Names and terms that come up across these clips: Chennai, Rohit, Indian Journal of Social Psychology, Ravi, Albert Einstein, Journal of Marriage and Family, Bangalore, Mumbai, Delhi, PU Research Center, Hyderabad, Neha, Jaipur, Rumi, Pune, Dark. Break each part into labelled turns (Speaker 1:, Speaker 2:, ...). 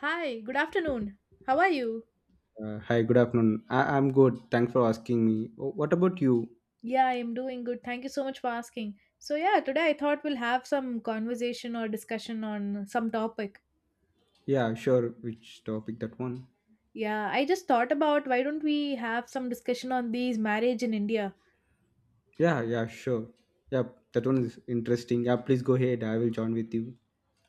Speaker 1: Hi, good afternoon. How are you?
Speaker 2: Hi, good afternoon. I'm good. Thanks for asking me. Oh, what about you?
Speaker 1: Yeah, I'm doing good. Thank you so much for asking. So, yeah, today I thought we'll have some conversation or discussion on some topic.
Speaker 2: Yeah, sure. Which topic? That one?
Speaker 1: Yeah, I just thought about why don't we have some discussion on these marriage in India?
Speaker 2: Yeah, yeah, sure. Yep, that one is interesting. Yeah, please go ahead. I will join with you.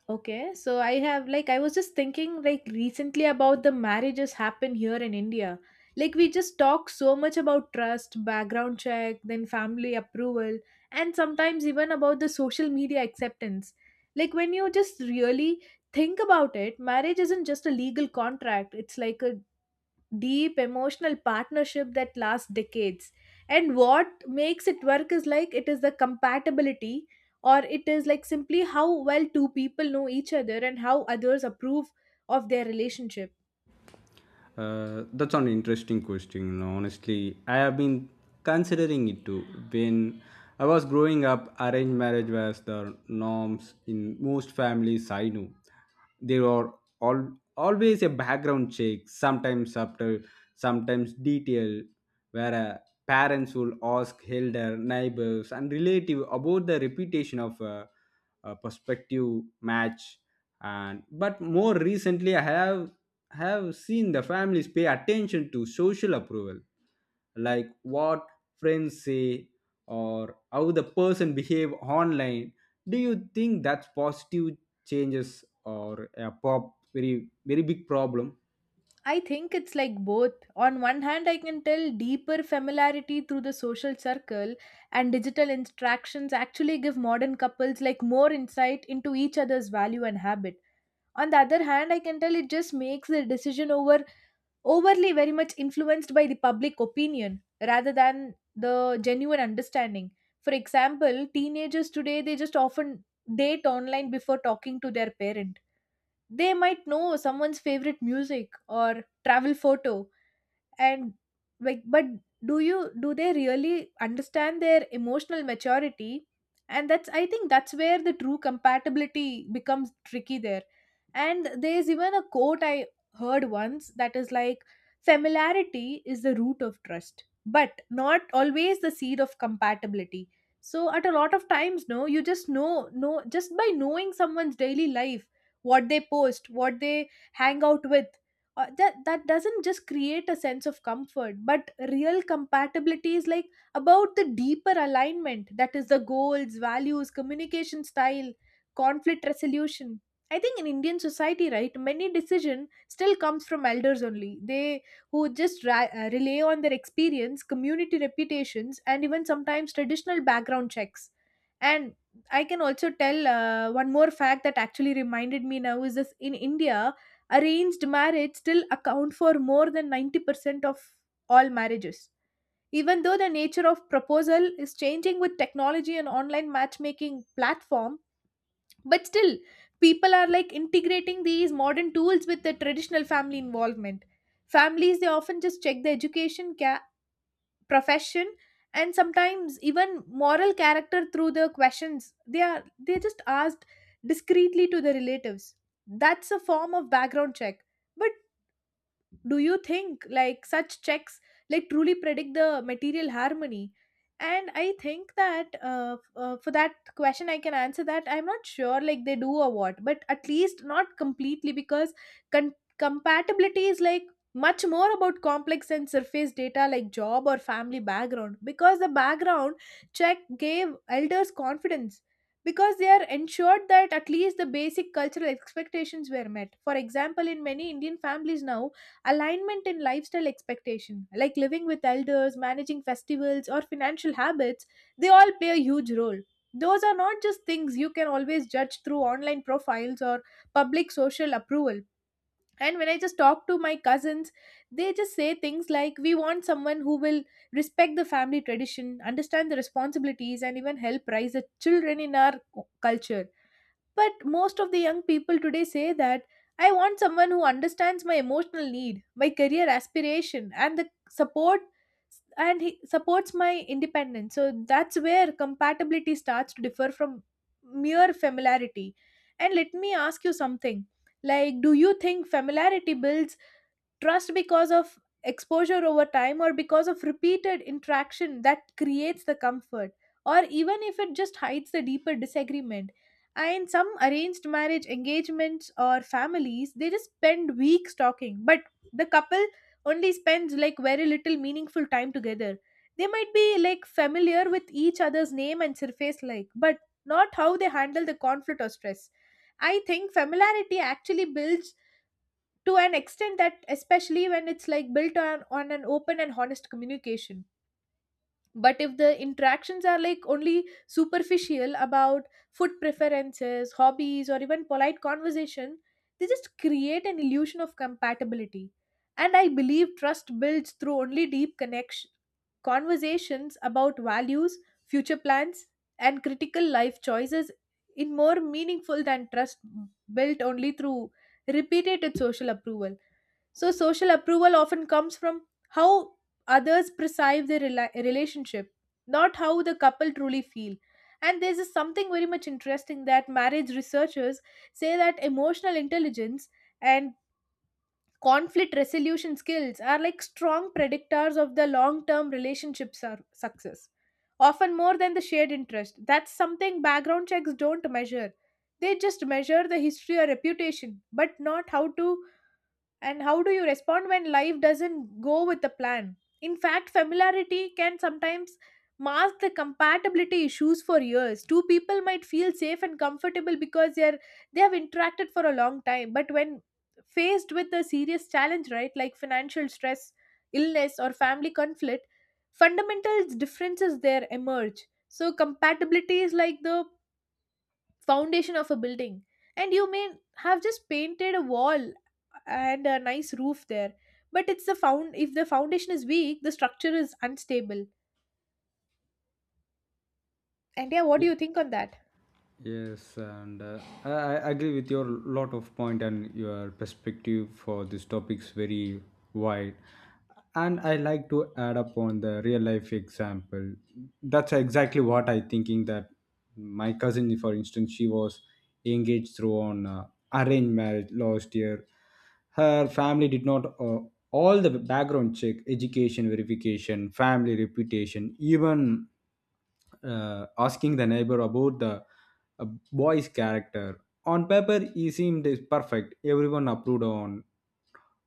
Speaker 1: Okay, so I have like I was just thinking like recently about the marriages happen here in India. Like we just talk so much about trust, background check, then family approval, and sometimes even about the social media acceptance. Like when you just really think about it, marriage isn't just a legal contract. It's like a deep emotional partnership that lasts decades. And what makes it work is like it is the compatibility, or it is like simply how well two people know each other and how others approve of their relationship.
Speaker 2: That's an interesting question. Honestly, I have been considering it too. When I was growing up, arranged marriage was the norms in most families I knew. There were all always a background check, sometimes subtle, sometimes detailed, where parents will ask elder, neighbors, and relative about the reputation of a prospective match. And but more recently, I have seen the families pay attention to social approval, like what friends say or how the person behave online. Do you think that's positive changes or a pop very big problem?
Speaker 1: I think it's like both. On one hand, I can tell deeper familiarity through the social circle and digital interactions actually give modern couples like more insight into each other's value and habit. On the other hand, I can tell it just makes the decision overly very much influenced by the public opinion rather than the genuine understanding. For example, teenagers today they just often date online before talking to their parent. They might know someone's favorite music or travel photo, and like, but do they really understand their emotional maturity? And that's, I think that's where the true compatibility becomes tricky there. And there's even a quote I heard once that is like, familiarity is the root of trust but not always the seed of compatibility. So at a lot of times, no, you just know just by knowing someone's daily life, what they post, what they hang out with. That doesn't just create a sense of comfort, but real compatibility is like about the deeper alignment, that is the goals, values, communication style, conflict resolution. I think in Indian society, right, many decision still comes from elders only. They who just rely on their experience, community reputations, and even sometimes traditional background checks. And I can also tell one more fact that actually reminded me now is this. In India, arranged marriage still account for more than 90% of all marriages. Even though the nature of proposal is changing with technology and online matchmaking platform, but still people are like integrating these modern tools with the traditional family involvement. Families they often just check the education, profession, and sometimes even moral character through the questions they just asked discreetly to the relatives. That's a form of background check. But do you think like such checks like truly predict the material harmony? And I think that for that question I can answer that I'm not sure like they do or what, but at least not completely, because con- compatibility is like much more about complex and surface data like job or family background, because the background check gave elders confidence, because they are ensured that at least the basic cultural expectations were met. For example, in many Indian families now, alignment in lifestyle expectation, like living with elders, managing festivals, or financial habits, they all play a huge role. Those are not just things you can always judge through online profiles or public social approval. And when I just talk to my cousins, they just say things like, we want someone who will respect the family tradition, understand the responsibilities, and even help raise the children in our culture. But most of the young people today say that, I want someone who understands my emotional need, my career aspiration, and the support, and he supports my independence. So that's where compatibility starts to differ from mere familiarity. And let me ask you something. Like, do you think familiarity builds trust because of exposure over time, or because of repeated interaction that creates the comfort, or even if it just hides the deeper disagreement? And some arranged marriage engagements or families they just spend weeks talking, but the couple only spends like very little meaningful time together. They might be like familiar with each other's name and surface like, but not how they handle the conflict or stress. I think familiarity actually builds to an extent, that especially when it's like built on an open and honest communication. But if the interactions are like only superficial about food preferences, hobbies, or even polite conversation, they just create an illusion of compatibility. And I believe trust builds through only deep connection, conversations about values, future plans, and critical life choices, in more meaningful than trust built only through repeated social approval. So, social approval often comes from how others perceive their relationship, not how the couple truly feel. And there's this something very much interesting that marriage researchers say that emotional intelligence and conflict resolution skills are like strong predictors of the long term relationship success, often more than the shared interest. That's something background checks don't measure. They just measure the history or reputation, but not how to and how do you respond when life doesn't go with the plan? In fact, familiarity can sometimes mask the compatibility issues for years. Two people might feel safe and comfortable because they have interacted for a long time, but when faced with a serious challenge, right, like financial stress, illness, or family conflict, fundamental differences there emerge. So compatibility is like the foundation of a building, and you may have just painted a wall and a nice roof there, but it's the found if the foundation is weak, the structure is unstable. And yeah, what do you think on that?
Speaker 2: Yes, and I agree with your lot of point and your perspective for this topics very wide. And I like to add up on the real life example. That's exactly what I thinking that my cousin, for instance, she was engaged through on arranged marriage last year. Her family did not all the background check, education verification, family reputation, even asking the neighbor about the uh, boy's character. On paper, he seemed perfect. Everyone approved on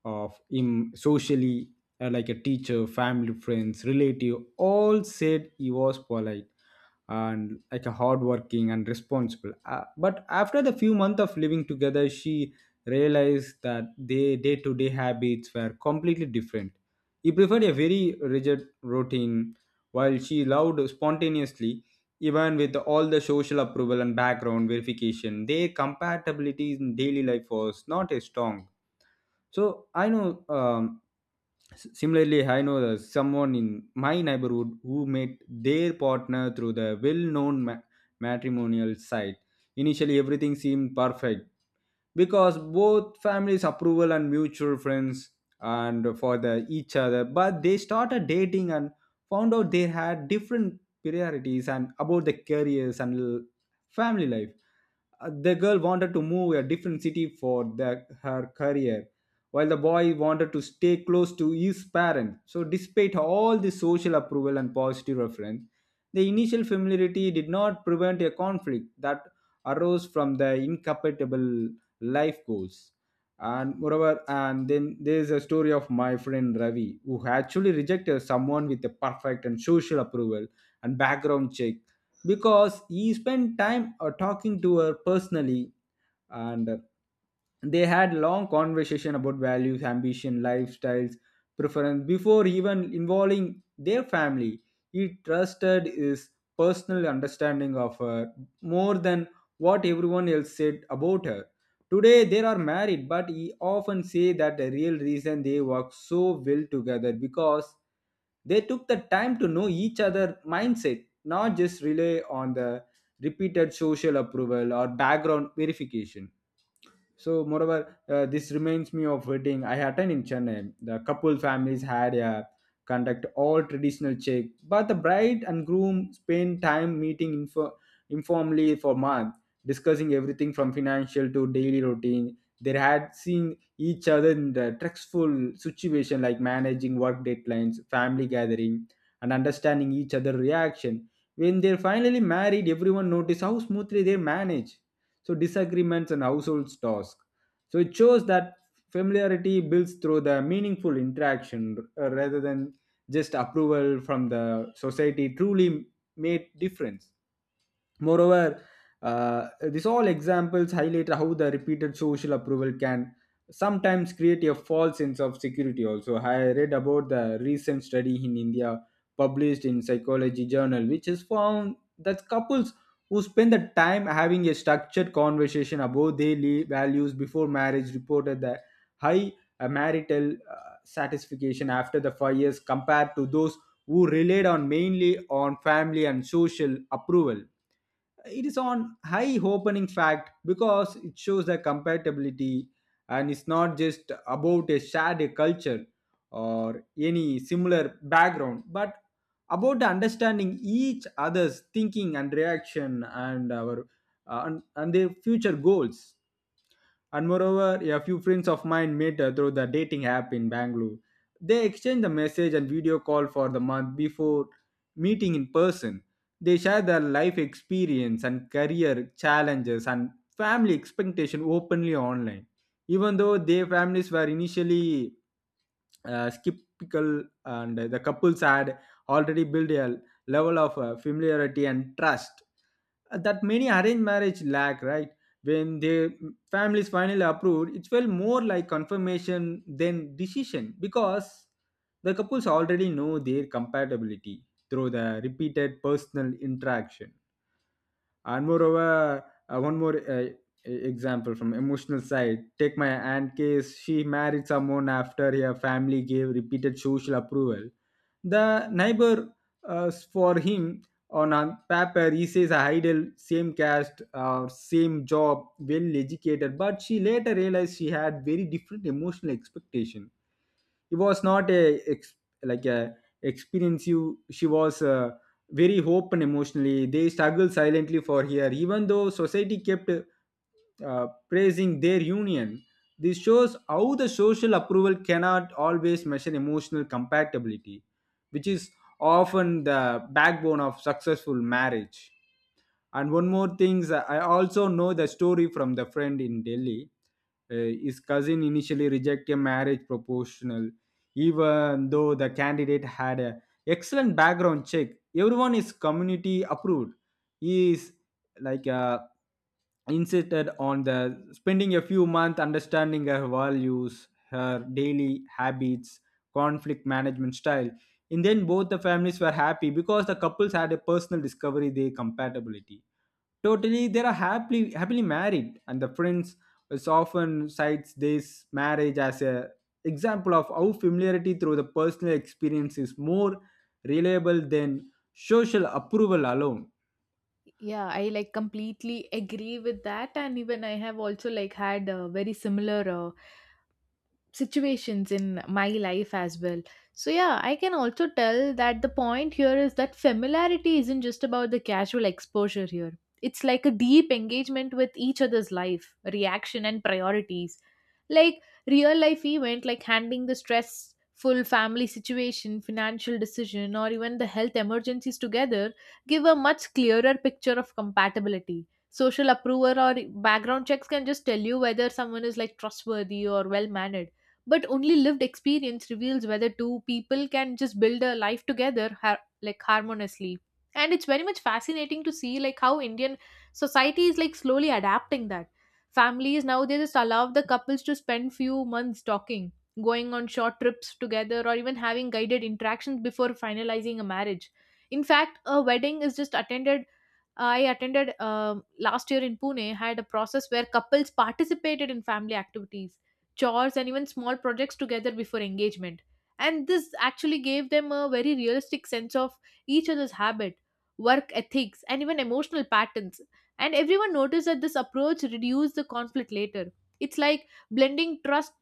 Speaker 2: of him socially, like a teacher, family, friends, relative. All said he was polite and like a hardworking and responsible. But after the few months of living together, she realized that their day-to-day habits were completely different. He preferred a very rigid routine while she loved spontaneously, even with all the social approval and background verification, their compatibility in daily life was not as strong. So I know. Similarly, I know the, someone in my neighborhood who met their partner through the well-known matrimonial site. Initially, everything seemed perfect because both families approval and mutual friends and for the each other, but they started dating and found out they had different priorities and about the careers and family life. The girl wanted to move a different city for the, her career while the boy wanted to stay close to his parents. So, despite all the social approval and positive reference, the initial familiarity did not prevent a conflict that arose from the incompatible life goals. And moreover, and then there's a story of my friend Ravi who actually rejected someone with a perfect and social approval and background check because he spent time talking to her personally and they had long conversation about values, ambition, lifestyles preference before even involving their family. He trusted his personal understanding of her more than what everyone else said about her. Today they are married, but he often say that the real reason they work so well together because they took the time to know each other mindset, not just rely on the repeated social approval or background verification. So, moreover, this reminds me of wedding I attend in Chennai. The couple families had a conduct all traditional check, but the bride and groom spend time meeting informally for months, discussing everything from financial to daily routine. They had seen each other in the stressful situation like managing work deadlines, family gathering, and understanding each other reaction. When they're finally married, everyone noticed how smoothly they manage so disagreements and household tasks. So it shows that familiarity builds through the meaningful interaction rather than just approval from the society truly made difference. Moreover, these all examples highlight how the repeated social approval can sometimes create a false sense of security. Also, I read about the recent study in India published in Psychology Journal, which has found that couples who spend the time having a structured conversation about their values before marriage reported the high marital satisfaction after the 5 years compared to those who relied on mainly on family and social approval. It is on high opening fact because it shows the compatibility, and it's not just about a shared culture or any similar background, but about understanding each other's thinking and reaction and our and their future goals. And moreover, a few friends of mine met through the dating app in Bangalore. They exchanged the message and video call for the month before meeting in person. They share their life experience and career challenges and family expectation openly online. Even though their families were initially skeptical and the couples had already built a level of familiarity and trust that many arranged marriage lack, right? When their families finally approved, it felt more like confirmation than decision because the couples already know their compatibility through the repeated personal interaction. And moreover, one more example from emotional side, take my aunt case. She married someone after her family gave repeated social approval, the neighbor for him. On a paper, he says a idol, same caste, same job, well educated, but she later realized she had very different emotional expectation. It was not a ex, like a experience you, she was very open emotionally. They struggled silently for her even though society kept praising their union. This shows how the social approval cannot always measure emotional compatibility, which is often the backbone of successful marriage. And one more thing, I also know the story from the friend in Delhi. His cousin initially rejected a marriage proposal even though the candidate had an excellent background check, everyone is community approved. He is like insisted on the spending a few months understanding her values, her daily habits, conflict management style. And then both the families were happy because the couples had a personal discovery their compatibility. Totally, they are happily married, and the prince is often cites this marriage as a example of how familiarity through the personal experience is more reliable than social approval alone.
Speaker 1: Yeah, I like completely agree with that, and even I have also like had a very similar situations in my life as well. So, yeah, I can also tell that the point here is that familiarity isn't just about the casual exposure here. It's like a deep engagement with each other's life, reaction, and priorities. Like real life event, like handling the stressful family situation, financial decision, or even the health emergencies together, give a much clearer picture of compatibility. Social approval or background checks can just tell you whether someone is like trustworthy or well mannered, but only lived experience reveals whether two people can just build a life together like harmoniously. And it's very much fascinating to see like how Indian society is like slowly adapting that. Families now they just allow the couples to spend few months talking, going on short trips together, or even having guided interactions before finalizing a marriage. In fact, a wedding is just attended I attended last year in Pune had a process where couples participated in family activities, chores, and even small projects together before engagement. And this actually gave them a very realistic sense of each other's habit, work ethics, and even emotional patterns. And everyone noticed that this approach reduced the conflict later. It's like blending trust,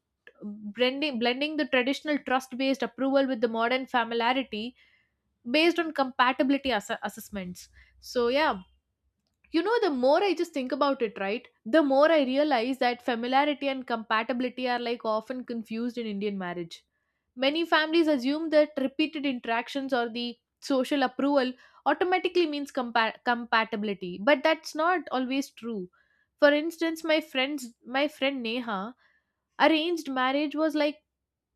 Speaker 1: blending the traditional trust based approval with the modern familiarity based on compatibility assessments. So, yeah, the more I just think about it, right, the more I realize that familiarity and compatibility are like often confused in Indian marriage. Many families assume that repeated interactions or the social approval automatically means compatibility, but that's not always true. For instance, my friend Neha, arranged marriage was like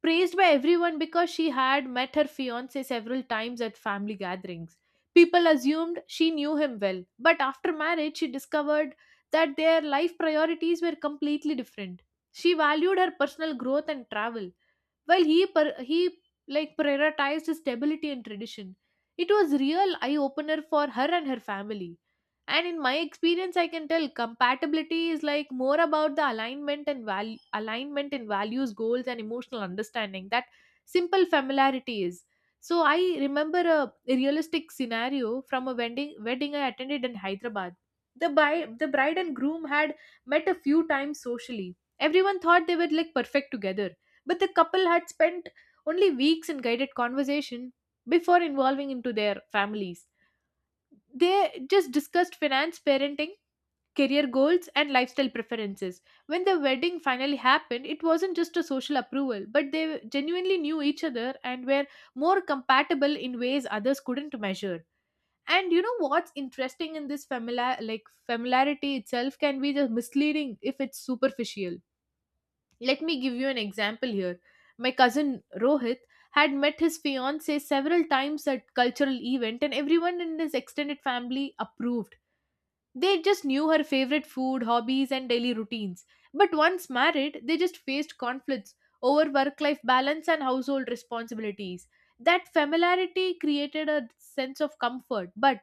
Speaker 1: praised by everyone because she had met her fiance several times at family gatherings. People assumed she knew him well, but after marriage, she discovered that their life priorities were completely different. She valued her personal growth and travel, while he like prioritized stability and tradition. It was real eye opener for her and her family. And in my experience, I can tell compatibility is like more about the alignment in values, goals, and emotional understanding that simple familiarity is. So I remember a realistic scenario from a wedding I attended in Hyderabad. The bride and groom had met a few times socially. Everyone thought they were like perfect together, but the couple had spent only weeks in guided conversation before involving into their families. They just discussed finance, parenting, career goals, and lifestyle preferences. When the wedding finally happened, it wasn't just a social approval, but they genuinely knew each other and were more compatible in ways others couldn't measure. And you know what's interesting in this, familiarity itself can be just misleading if it's superficial. Let me give you an example here. My cousin Rohit had met his fiancée several times at cultural event, and everyone in his extended family approved. They just knew her favorite food, hobbies, and daily routines. But once married, they just faced conflicts over work-life balance and household responsibilities. That familiarity created a sense of comfort, but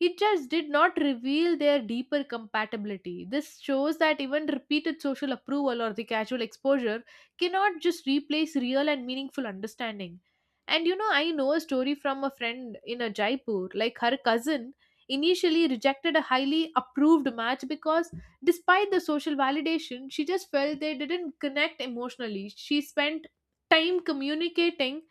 Speaker 1: it just did not reveal their deeper compatibility. This shows that even repeated social approval or the casual exposure cannot just replace real and meaningful understanding. And you know, I know a story from a friend in a Jaipur, like her cousin initially rejected a highly approved match because despite the social validation, she just felt they didn't connect emotionally. She spent time communicating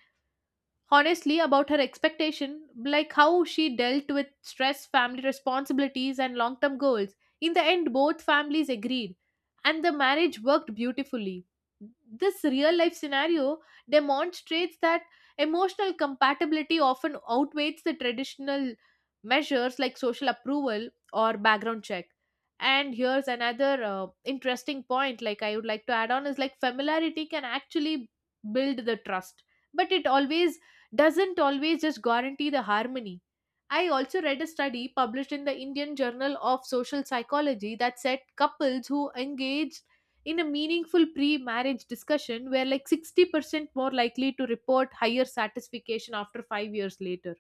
Speaker 1: honestly about her expectation, like how she dealt with stress, family responsibilities and long term goals. In the end both families agreed and the marriage worked beautifully. This real life scenario demonstrates that emotional compatibility often outweighs the traditional measures like social approval or background check. And here's another interesting point, like I would like to add on, is like familiarity can actually build the trust, but it always doesn't always just guarantee the harmony. I also read a study published in the Indian Journal of Social Psychology that said couples who engaged in a meaningful pre marriage discussion were like 60% more likely to report higher satisfaction after 5 years later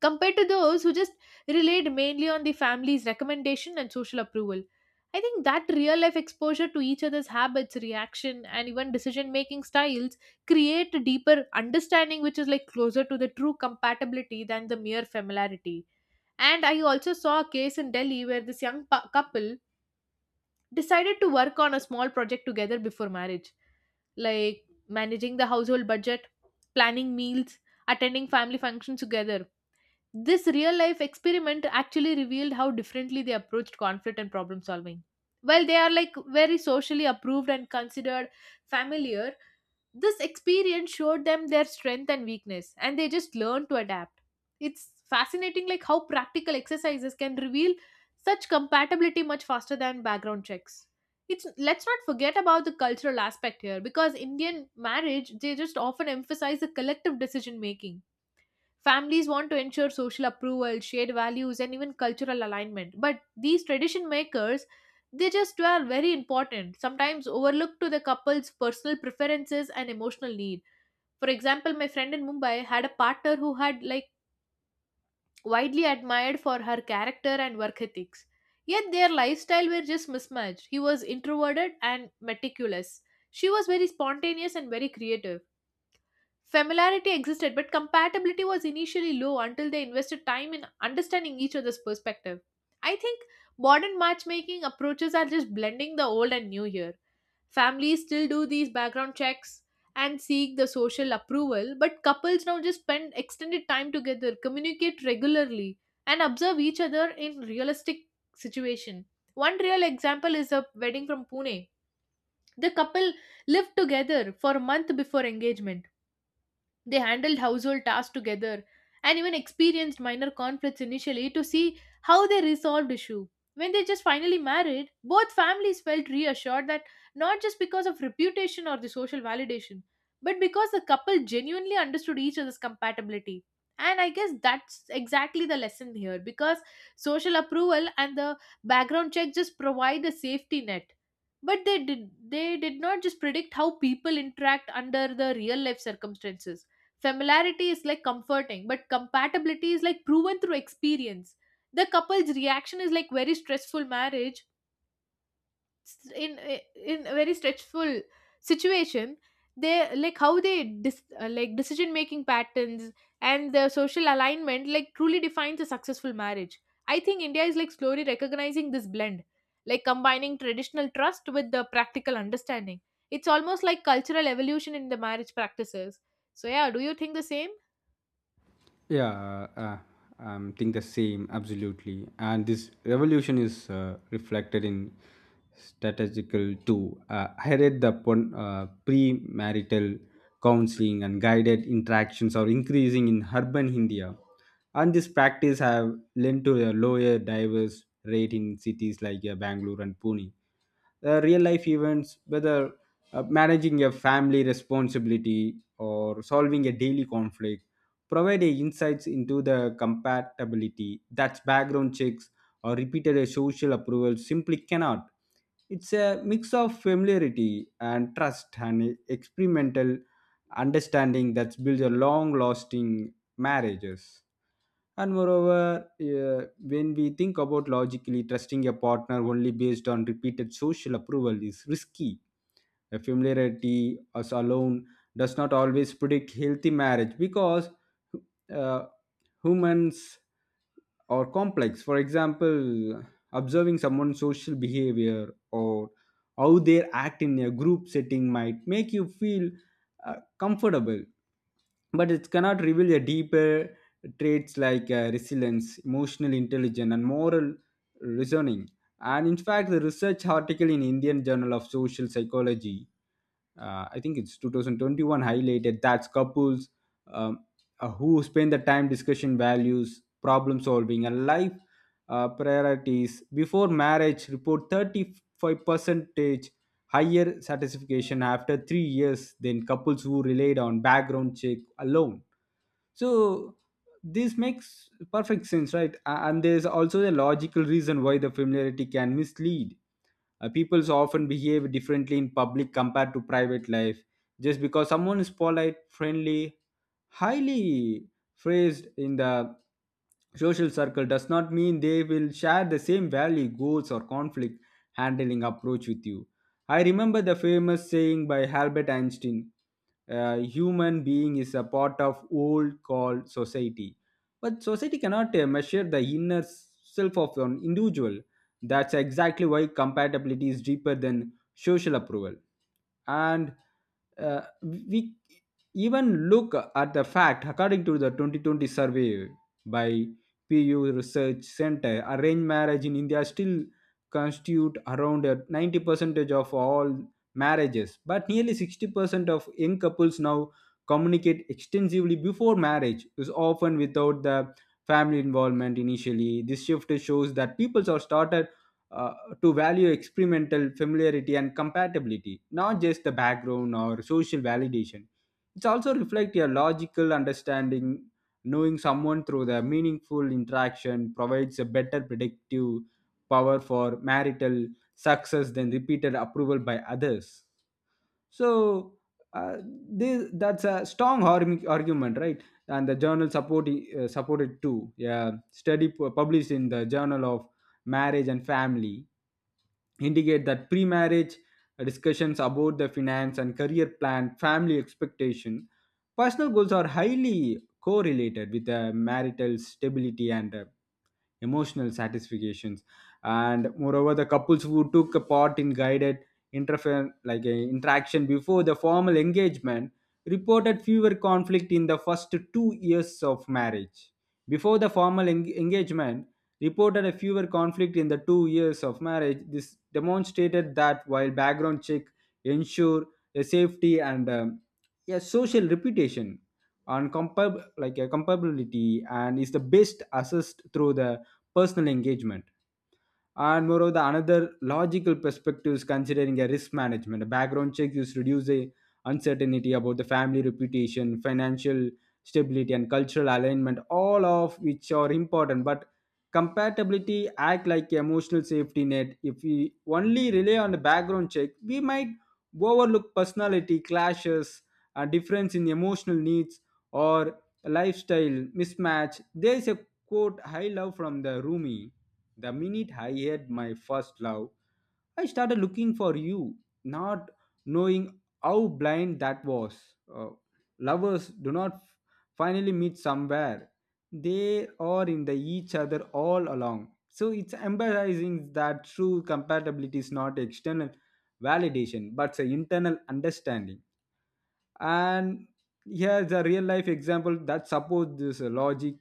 Speaker 1: compared to those who just relied mainly on the family's recommendation and social approval. I think that real life exposure to each other's habits, reaction, and even decision making styles create a deeper understanding, which is like closer to the true compatibility than the mere familiarity. And I also saw a case in Delhi where this couple decided to work on a small project together before marriage, like managing the household budget, planning meals, attending family functions together. This real life experiment actually revealed how differently they approached conflict and problem solving. While they are like very socially approved and considered familiar, this experience showed them their strength and weakness, and they just learned to adapt. It's fascinating, like how practical exercises can reveal such compatibility much faster than background checks. It's Let's not forget about the cultural aspect here, because Indian marriage they just often emphasize the collective decision making. Families want to ensure social approval, shared values, and even cultural alignment. But these tradition makers, they just were very important, sometimes overlooked to the couple's personal preferences and emotional need. For example, my friend in Mumbai had a partner who had like widely admired for her character and work ethics. Yet their lifestyle were just mismatched. He was introverted and meticulous. She was very spontaneous and very creative. Familiarity existed, but compatibility was initially low until they invested time in understanding each other's perspective. I think modern matchmaking approaches are just blending the old and new here. Families still do these background checks and seek the social approval, but couples now just spend extended time together, communicate regularly, and observe each other in realistic situation. One real example is a wedding from Pune. The couple lived together for a month before engagement. They handled household tasks together and even experienced minor conflicts initially to see how they resolved issue. When they just finally married, both families felt reassured, that not just because of reputation or the social validation, but because the couple genuinely understood each other's compatibility. And I guess that's exactly the lesson here, because social approval and the background check just provide a safety net, but they did not just predict how people interact under the real life circumstances. Familiarity is like comforting, but compatibility is like proven through experience. The couple's reaction is like very stressful marriage, s- in in a very stressful situation. They like how they like decision making patterns and their social alignment like truly defines a successful marriage. I think India is like slowly recognizing this blend, like combining traditional trust with the practical understanding. It's almost like cultural evolution in the marriage practices. So yeah, do you think the same?
Speaker 2: Yeah, I think the same, absolutely. And this revolution is reflected in strategical too. I read the premarital counseling and guided interactions are increasing in urban India, and this practice have led to a lower divorce rate in cities like Bangalore and Pune. The real life events, whether managing a family responsibility or solving a daily conflict, provide a insights into the compatibility that background checks or repeated a social approval simply cannot. It's a mix of familiarity and trust and experimental understanding that builds a long lasting marriages. And moreover, when we think about logically, trusting a partner only based on repeated social approval is risky. The familiarity us alone does not always predict healthy marriage because uh, humans are complex. For example, observing someone's social behavior or how they act in a group setting might make you feel comfortable, but it cannot reveal a deeper traits like resilience, emotional intelligence, and moral reasoning. And in fact, the research article in Indian Journal of Social Psychology, I think it's 2021, highlighted that couples um, who spend the time discussing values, problem solving, and life priorities before marriage report 35 percentage higher satisfaction after 3 years than couples who relied on background check alone. So this makes perfect sense, right? And there's also a logical reason why the familiarity can mislead. People often behave differently in public compared to private life. Just because someone is polite, friendly, highly phrased in the social circle does not mean they will share the same value, goals, or conflict handling approach with you. I remember the famous saying by Albert Einstein: a human being is a part of old called society. But society cannot measure the inner self of an individual. That's exactly why compatibility is deeper than social approval. And we even look at the fact, according to the 2020 survey by PU Research Center, arranged marriage in India still constitute around 90% of all marriages, but nearly 60% of young couples now communicate extensively before marriage, is often without the family involvement initially. This shift shows that people are started uh, to value experimental familiarity and compatibility, not just the background or social validation. It's also reflect your logical understanding. Knowing someone through the meaningful interaction provides a better predictive power for marital success than repeated approval by others. So uh, that's a strong argument, right? And the journal support, supported too. Yeah, study published in the Journal of Marriage and Family indicate that pre-marriage discussions about the finance and career plan, family expectation, personal goals are highly correlated with the marital stability and emotional satisfactions. And moreover, the couples who took a part in guided interfer like interaction before the formal engagement reported fewer conflict in the first 2 years of marriage. Before the formal engagement, reported a fewer conflict in the 2 years of marriage. This demonstrated that while background check ensure a safety and a social reputation on like a comparability and is the best assessed through the personal engagement. And moreover, another logical perspective is considering a risk management. A background check is reduce the uncertainty about the family reputation, financial stability, and cultural alignment, all of which are important. But compatibility act like emotional safety net. If we only rely on the background check, we might overlook personality clashes, a difference in emotional needs, or lifestyle mismatch. There is a quote I love from the Rumi the minute I had my first love, I started looking for you, not knowing how blind that was. Lovers do not finally meet somewhere, they are in the each other all along. So it's emphasizing that true compatibility is not external validation but an internal understanding. And here's a real life example that supports this logic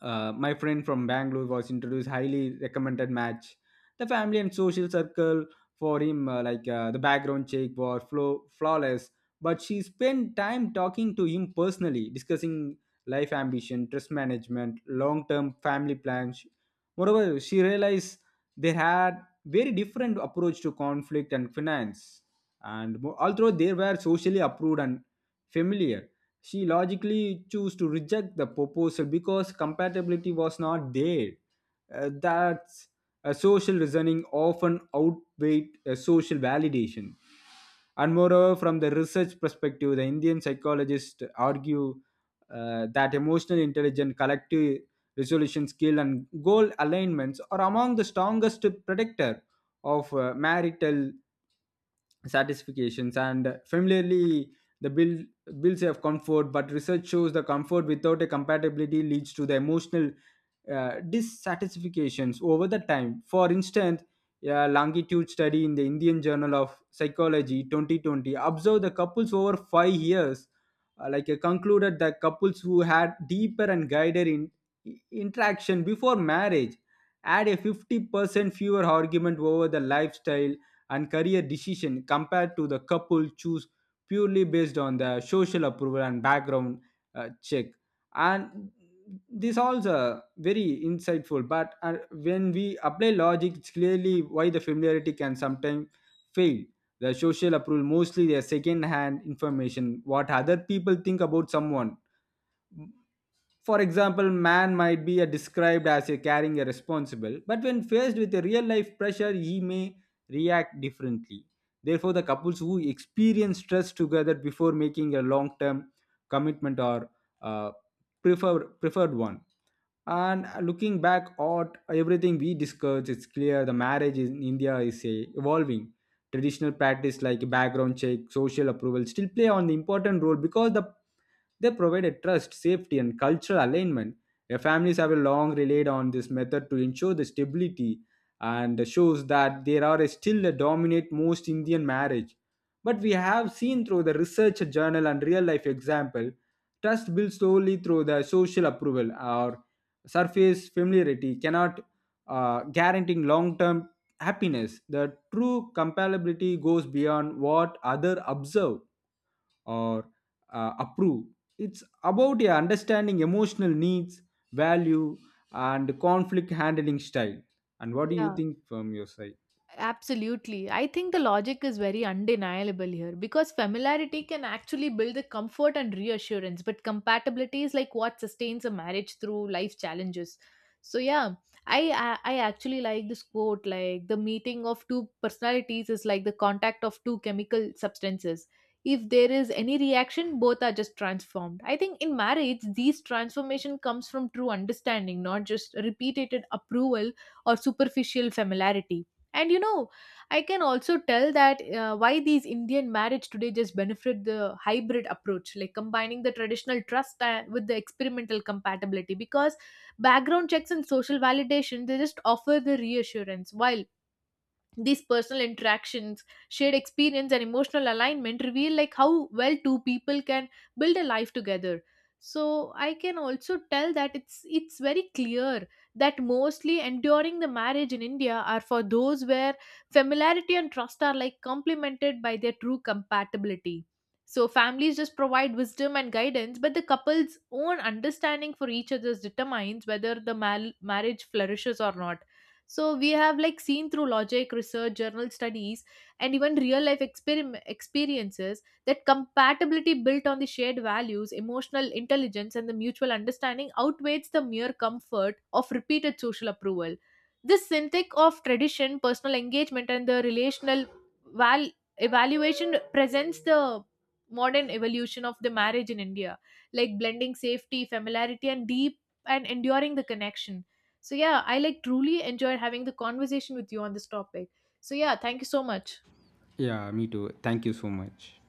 Speaker 2: my friend from Bangalore was introduced highly recommended match. The family and social circle for him, the background check was flawless, but she spent time talking to him personally, discussing life ambition, trust management, long-term family plans. Moreover, she realized they had very different approach to conflict and finance, and although they were socially approved and familiar, she logically chose to reject the proposal because compatibility was not there. That's a social reasoning often outweighed a social validation. And moreover, from the research perspective, the Indian psychologists argue that emotional intelligence, collective resolution skill, and goal alignments are among the strongest predictor of marital satisfactions and familiarly the builds of comfort, but research shows the comfort without a compatibility leads to the emotional dissatisfactions over the time. For instance, a longitude study in the Indian Journal of Psychology 2020 observed the couples over 5 years, concluded that couples who had deeper and guided interaction before marriage had a 50% fewer argument over the lifestyle and career decision compared to the couple choose purely based on the social approval and background check, and this also very insightful. But when we apply logic it's clearly why the familiarity can sometimes fail. The social approval mostly their second hand information what other people think about someone. For example, man might be described as a caring a responsible, but when faced with a real life pressure, he may react differently. Therefore, the couples who experience stress together before making a long term commitment are uh, preferred one. And looking back at everything we discussed, it's clear the marriage in India is a evolving traditional practice like background check social approval still play an important role because they provide a trust safety and cultural alignment. Families have a long relied on this method to ensure the stability and shows that there are still a dominate most Indian marriage, but we have seen through the research journal and real life example trust built slowly through the social approval or surface familiarity cannot guaranteeing long-term happiness. The true compatibility goes beyond what other observe or approve. It's about a understanding emotional needs, value, and conflict handling style. And what do you
Speaker 1: Yeah,
Speaker 2: think from your side?
Speaker 1: absolutely. I think the logic is very undeniable here because familiarity can actually build the comfort and reassurance, but compatibility is like what sustains a marriage through life challenges. So yeah, I I actually like this quote, like the meeting of two personalities is like the contact of two chemical substances. If there is any reaction, both are just transformed. I think in marriage, these transformation comes from true understanding, not just repeated approval or superficial familiarity. And you know, I can also tell that why these Indian marriage today just benefit the hybrid approach, like combining the traditional trust and with the experimental compatibility, because background checks and social validation they just offer the reassurance, while these personal interactions, shared experience and emotional alignment reveal like how well two people can build a life together. So I can also tell that it's very clear that mostly enduring the marriage in India are for those where familiarity and trust are like complemented by their true compatibility. So families just provide wisdom and guidance, but the couple's own understanding for each other's determines whether the marriage flourishes or not. So we have like seen through logic, research journal studies, and even real life experiences that compatibility built on the shared values, emotional intelligence and the mutual understanding outweighs the mere comfort of repeated social approval. This synthetic of tradition, personal engagement and the relational val- evaluation presents the modern evolution of the marriage in India, like blending safety, familiarity and deep and enduring the connection. So yeah, I like truly enjoyed having the conversation with you on this topic. So yeah, thank you so much.
Speaker 2: Yeah, me too. Thank you so much.